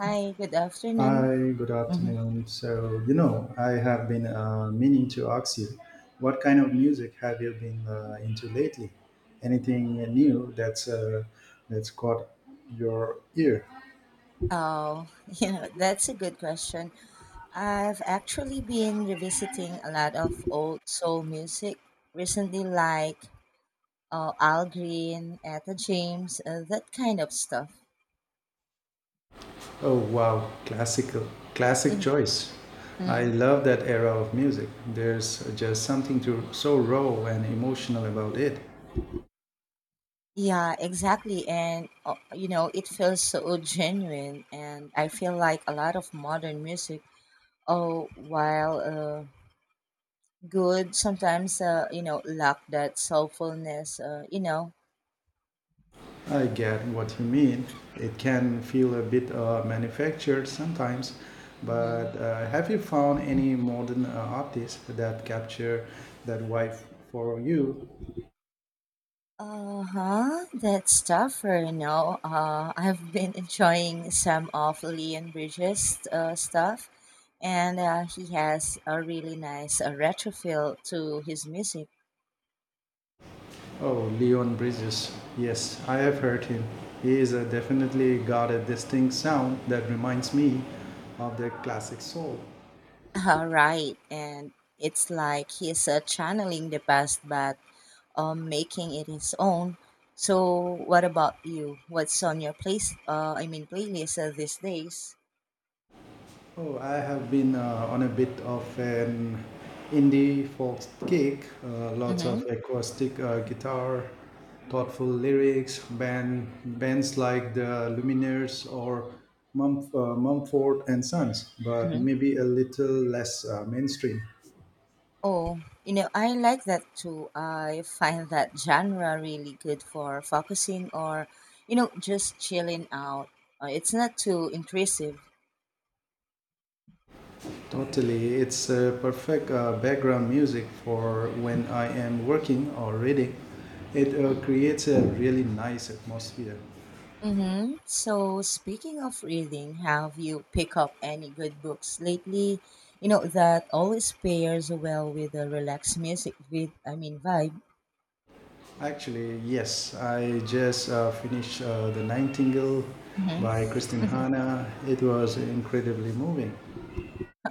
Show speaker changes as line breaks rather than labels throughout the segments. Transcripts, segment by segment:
Hi, good afternoon.
Hi, good
hmm
afternoon. So, you know, I have been meaning to ask you, what kind of music have you been into lately? Anything new that's caught your ear?
Oh, you know, that's a good question. I've actually been revisiting a lot of old soul music recently, like Al Green, Etta James, that kind of stuff.
Oh, wow, classical, classic
Mhm.
choice. I
hmm
love that era of music. There's just something to, so raw and emotional about it.
Yeah, exactly. And you know, it feels so genuine. And I feel like a lot of modern music, oh, while good, sometimes, you know, lack that soulfulness,
I get what you mean. It can feel a bit manufactured sometimes, but
hmm
have you found any modern artists that capture that vibe for you?
Uh huh. That's tougher, you know. I've been enjoying some of Leon Bridges' stuff, and he has a really nice retro feel to his music.
Oh, Leon Bridges. Yes, I have heard him. He is definitely got a distinct sound that reminds me of the classic soul.
Right, and it's like he's channeling the past but making it his own. So, what about you? What's on your playlist these days?
Oh, I have been on a bit of an indie folk kick. Lots of
Mm-hmm.
acoustic guitar, thoughtful lyrics, bands like the Lumineers or Mumford and Sons, but
Mm-hmm.
maybe a little less mainstream.
Oh, you know, I like that too. I find that genre really good for focusing or, you know, just chilling out. It's not too intrusive.
Totally, it's a perfect background music for when I am working or reading. It creates a really nice atmosphere.
Mm-hmm. So, speaking of reading, have you picked up any good books lately? You know, that always pairs well with the relaxed music with, I mean, vibe.
Actually, yes. I just finished The Nightingale
Mhm.
by Kristin Hannah. It was incredibly moving.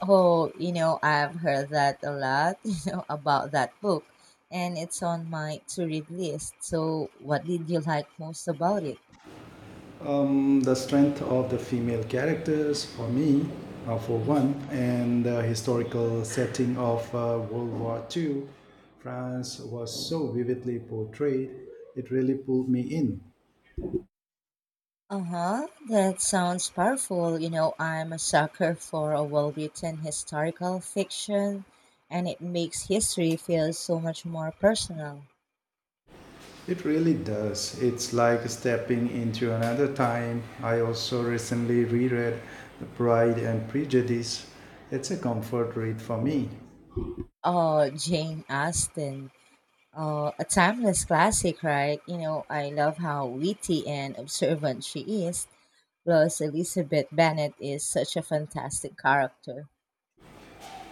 Oh, you know, I've heard that a lot, you know, about that book, and it's on my to read list. So, what did you like most about it?
The strength of the female characters, for me, for
hmm
one, and the historical setting of World War Two, France was so vividly portrayed, it really pulled me in.
Uh huh, that sounds powerful. You know, I'm a sucker for a well written historical fiction, and it makes history feel so much more personal.
It really does. It's like stepping into another time. I also recently reread Pride and Prejudice. It's a comfort read for me.
Oh, Jane Austen. Oh, a timeless classic, right? You know, I love how witty and observant she is. Plus, Elizabeth Bennet is such a fantastic character.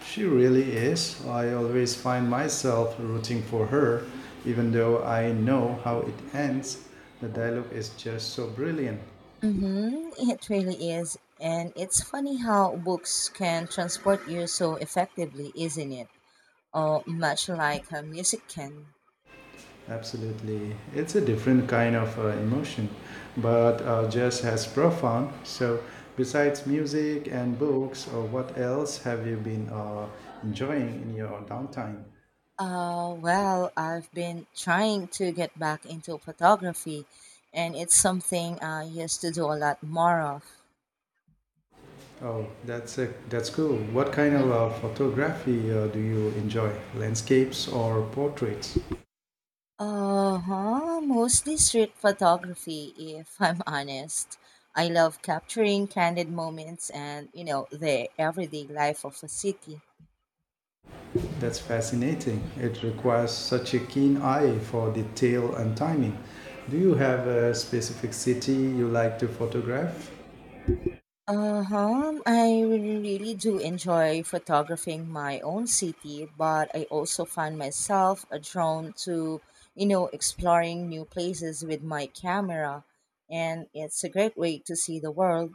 She really is. I always find myself rooting for her, even though I know how it ends. The dialogue is just so brilliant.
Mm-hmm, it really is. And it's funny how books can transport you so effectively, isn't it? Or much like music can.
Absolutely, it's a different kind of emotion, but just as profound. So, besides music and books, or what else have you been enjoying in your downtime?
Well, I've been trying to get back into photography, and it's something I used to do a lot more of.
Oh, that's cool. What kind
Mm-hmm.
of photography do you enjoy? Landscapes or portraits?
Uh-huh, mostly street photography, if I'm honest. I love capturing candid moments and, you know, the everyday life of a city.
That's fascinating. It requires such a keen eye for detail and timing. Do you have a specific city you like to photograph?
Uh-huh, I really do enjoy photographing my own city, but I also find myself drawn to, you know, exploring new places with my camera, and it's a great way to see the world.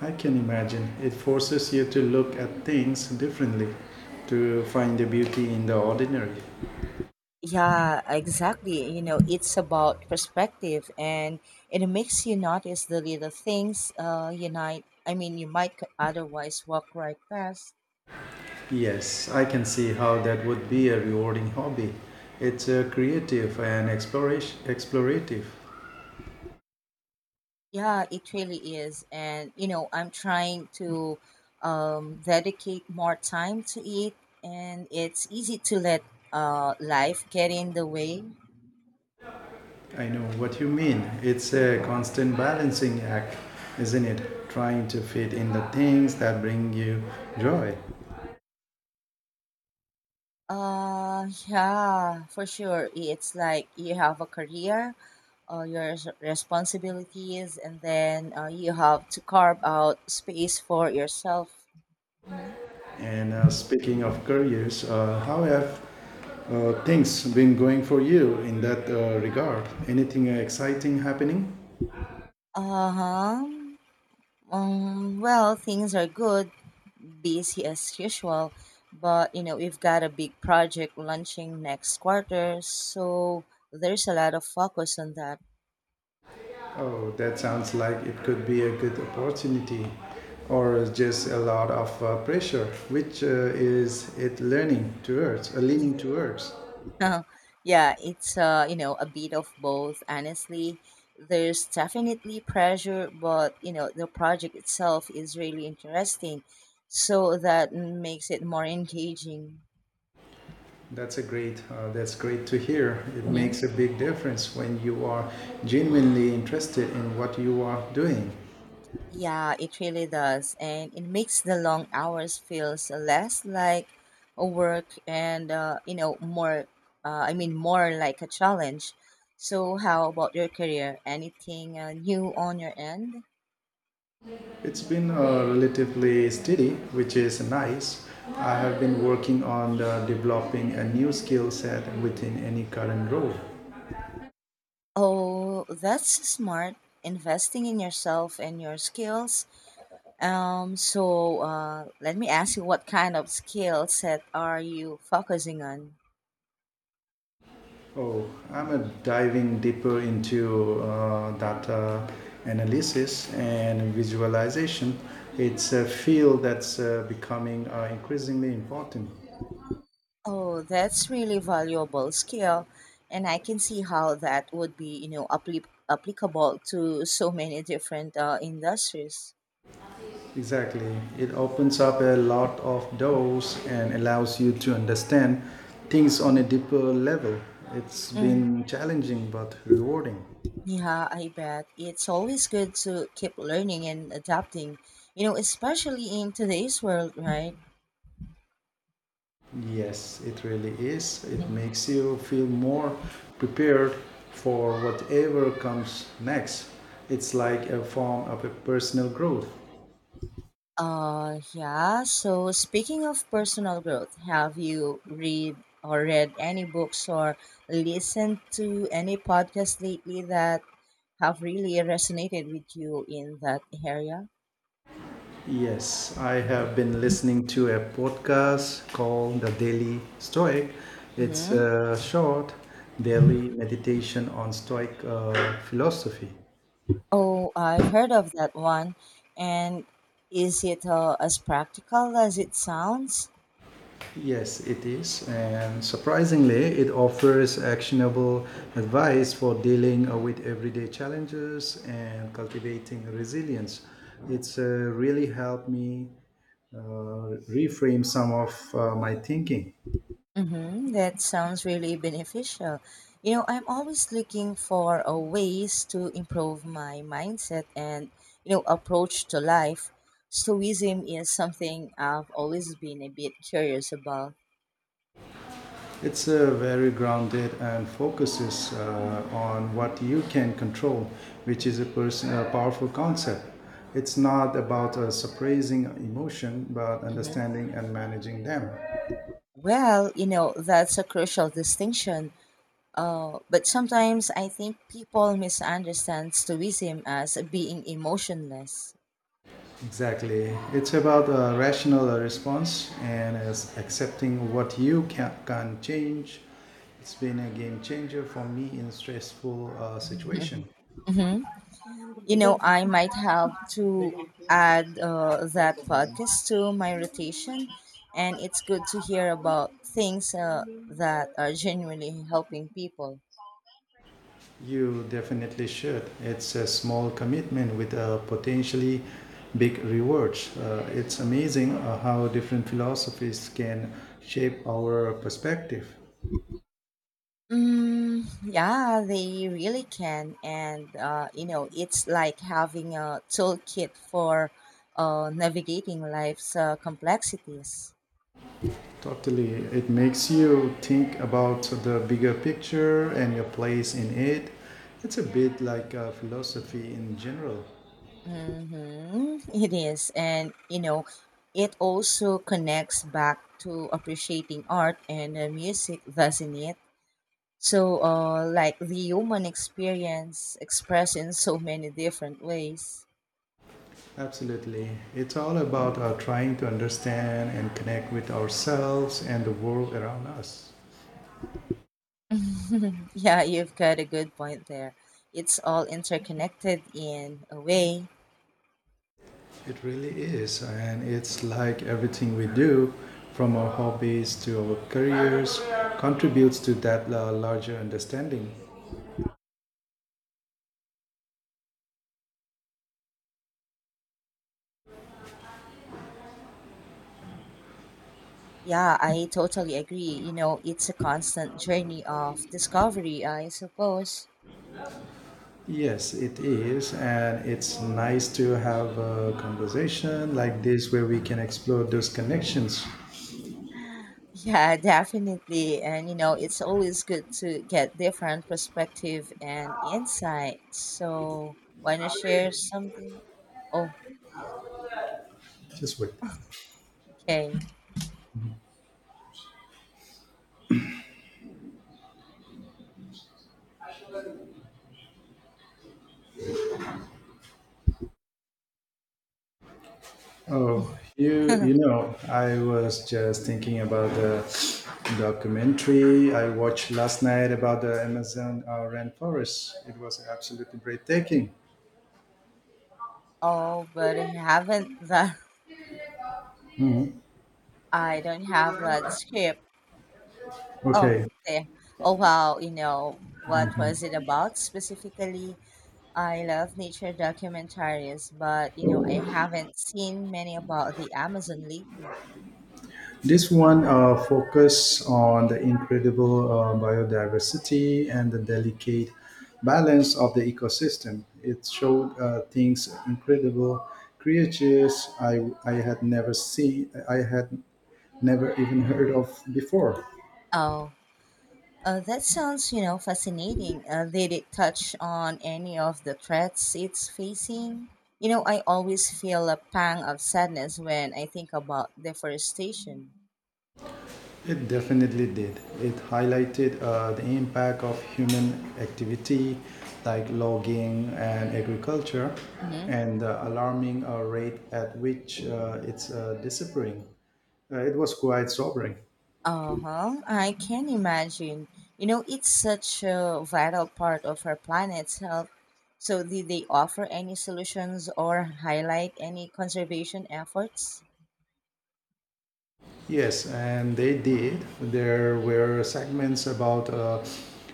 I can imagine. It forces you to look at things differently, to find the beauty in the ordinary.
Yeah, exactly. You know, it's about perspective and it makes you notice the little things unite I mean you might c- otherwise walk right past.
Yes, I can see how that would be a rewarding hobby. It's creative and explorative.
Yeah, it really is. And you know, I'm trying to dedicate more time to it and it's easy to let life get in the way.
I know what you mean. It's a constant balancing act, isn't it? Trying to fit in the things that bring you joy.
Yeah, for sure. It's like you have a career, responsibilities, and then you have to carve out space for yourself. hmm
And speaking of careers, how have things been going for you in that regard? Anything exciting happening?
Uh huh. Well, things are good, busy as usual, but you know, we've got a big project launching next quarter, so there's a lot of focus on that.
Oh, that sounds like it could be a good opportunity, or just a lot of pressure. Which is it learning towards? Leaning towards.
Yeah, it's you know, a bit of both. Honestly, there's definitely pressure, but you know, the project itself is really interesting, so that makes it more engaging.
That's a great. That's great to hear. It
hmm
makes a big difference when you are genuinely interested in what you are doing.
Yeah, it really does, and it makes the long hours feels less like a work and more like a challenge. So, how about your career? Anything new on your end?
It's been relatively steady, which is nice. I have been working on the developing a new skill set within any current role.
Oh, that's smart. Investing in yourself and your skills. So let me ask you, what kind of skill set are you focusing on?
Oh, I'm diving deeper into data analysis and visualization. It's a field that's becoming increasingly important.
Oh, that's really valuable skill, and I can see how that would be, you know, applicable to so many different industries.
Exactly. It opens up a lot of doors and allows you to understand things on a deeper level. It's
Mm.
been challenging but rewarding.
Yeah, I bet it's always good to keep learning and adapting. You know, especially in today's world, right?
Yes, it really is. It makes you feel more prepared for whatever comes next. It's like a form of a personal growth.
Yeah. So speaking of personal growth, have you read any books or listened to any podcasts lately that have really resonated with you in that area?
Yes, I have been listening to a podcast called The Daily Stoic. It's
Mm-hmm.
a short daily meditation on Stoic philosophy.
Oh, I've heard of that one. And is it as practical as it sounds?
Yes, it is. And surprisingly, it offers actionable advice for dealing with everyday challenges and cultivating resilience. It's really helped me reframe some of my thinking.
Mm-hmm. That sounds really beneficial. You know, I'm always looking for ways to improve my mindset and, you know, approach to life. Stoicism is something I've always been a bit curious about.
It's very grounded and focuses on what you can control, which is a powerful concept. It's not about suppressing emotion, but
Mm-hmm.
understanding and managing them.
Well, you know, that's a crucial distinction. But sometimes I think people misunderstand Stoicism as being emotionless.
Exactly. It's about a rational response and is accepting what can change. It's been a game changer for me in stressful situation.
Mm-hmm. You know, I might have to add that podcast to my rotation, and it's good to hear about things that are genuinely helping people.
You definitely should. It's a small commitment with a potentially big rewards. It's amazing how different philosophies can shape our perspective.
Mm, yeah, they really can, and you know, it's like having a toolkit for navigating life's complexities.
Totally. It makes you think about the bigger picture and your place in it. It's a bit like philosophy in general.
Mm-hmm. It is. And, you know, it also connects back to appreciating art and music, doesn't it? So, like the human experience expressed in so many different ways.
Absolutely. It's all about trying to understand and connect with ourselves and the world around us.
Yeah, you've got a good point there. It's all interconnected in a way.
It really is, and it's like everything we do, from our hobbies to our careers, contributes to that larger understanding.
Yeah, I totally agree. You know, it's a constant journey of discovery, I suppose.
Yes, it is, and it's nice to have a conversation like this where we can explore those connections.
Yeah, definitely. And you know, it's always good to get different perspective and insight. So, wanna share something?
Just wait.
Okay.
Oh, you know, I was just thinking about the documentary I watched last night about the Amazon rainforest. It was absolutely breathtaking.
Oh, but I haven't that.
Mm,
I don't have that script. Oh,
okay,
there. Oh wow. You know, what was it about specifically? I love nature documentaries, but you know, I haven't seen many about the Amazon lately.
this one focus on the incredible biodiversity and the delicate balance of the ecosystem. It showed things incredible creatures I had never seen, I had never even heard of before.
Oh. That sounds, you know, fascinating. Did it touch on any of the threats it's facing? You know, I always feel a pang of sadness when I think about deforestation.
It definitely did. It highlighted the impact of human activity like logging and agriculture
Mm-hmm.
and the alarming rate at which it's disappearing. It was quite sobering.
Uh huh. I can imagine. You know, it's such a vital part of our planet's health. So, did they offer any solutions or highlight any conservation efforts?
Yes, and they did. There were segments about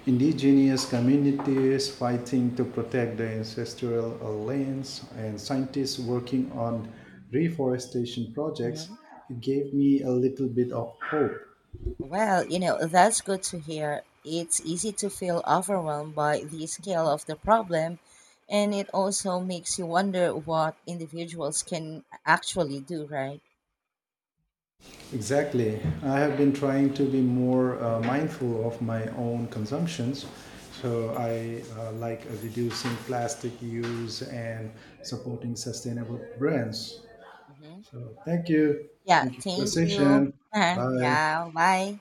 indigenous communities fighting to protect their ancestral lands and scientists working on reforestation projects.
Mhm.
It gave me a little bit of hope.
Well, you know, that's good to hear. It's easy to feel overwhelmed by the scale of the problem, and it also makes you wonder what individuals can actually do, right?
Exactly. I have been trying to be more mindful of my own consumptions. So I like reducing plastic use and supporting sustainable brands.
hmm
So thank you.
Yeah,
Thank you for the
thank you.
session. Bye.
Yeah, bye.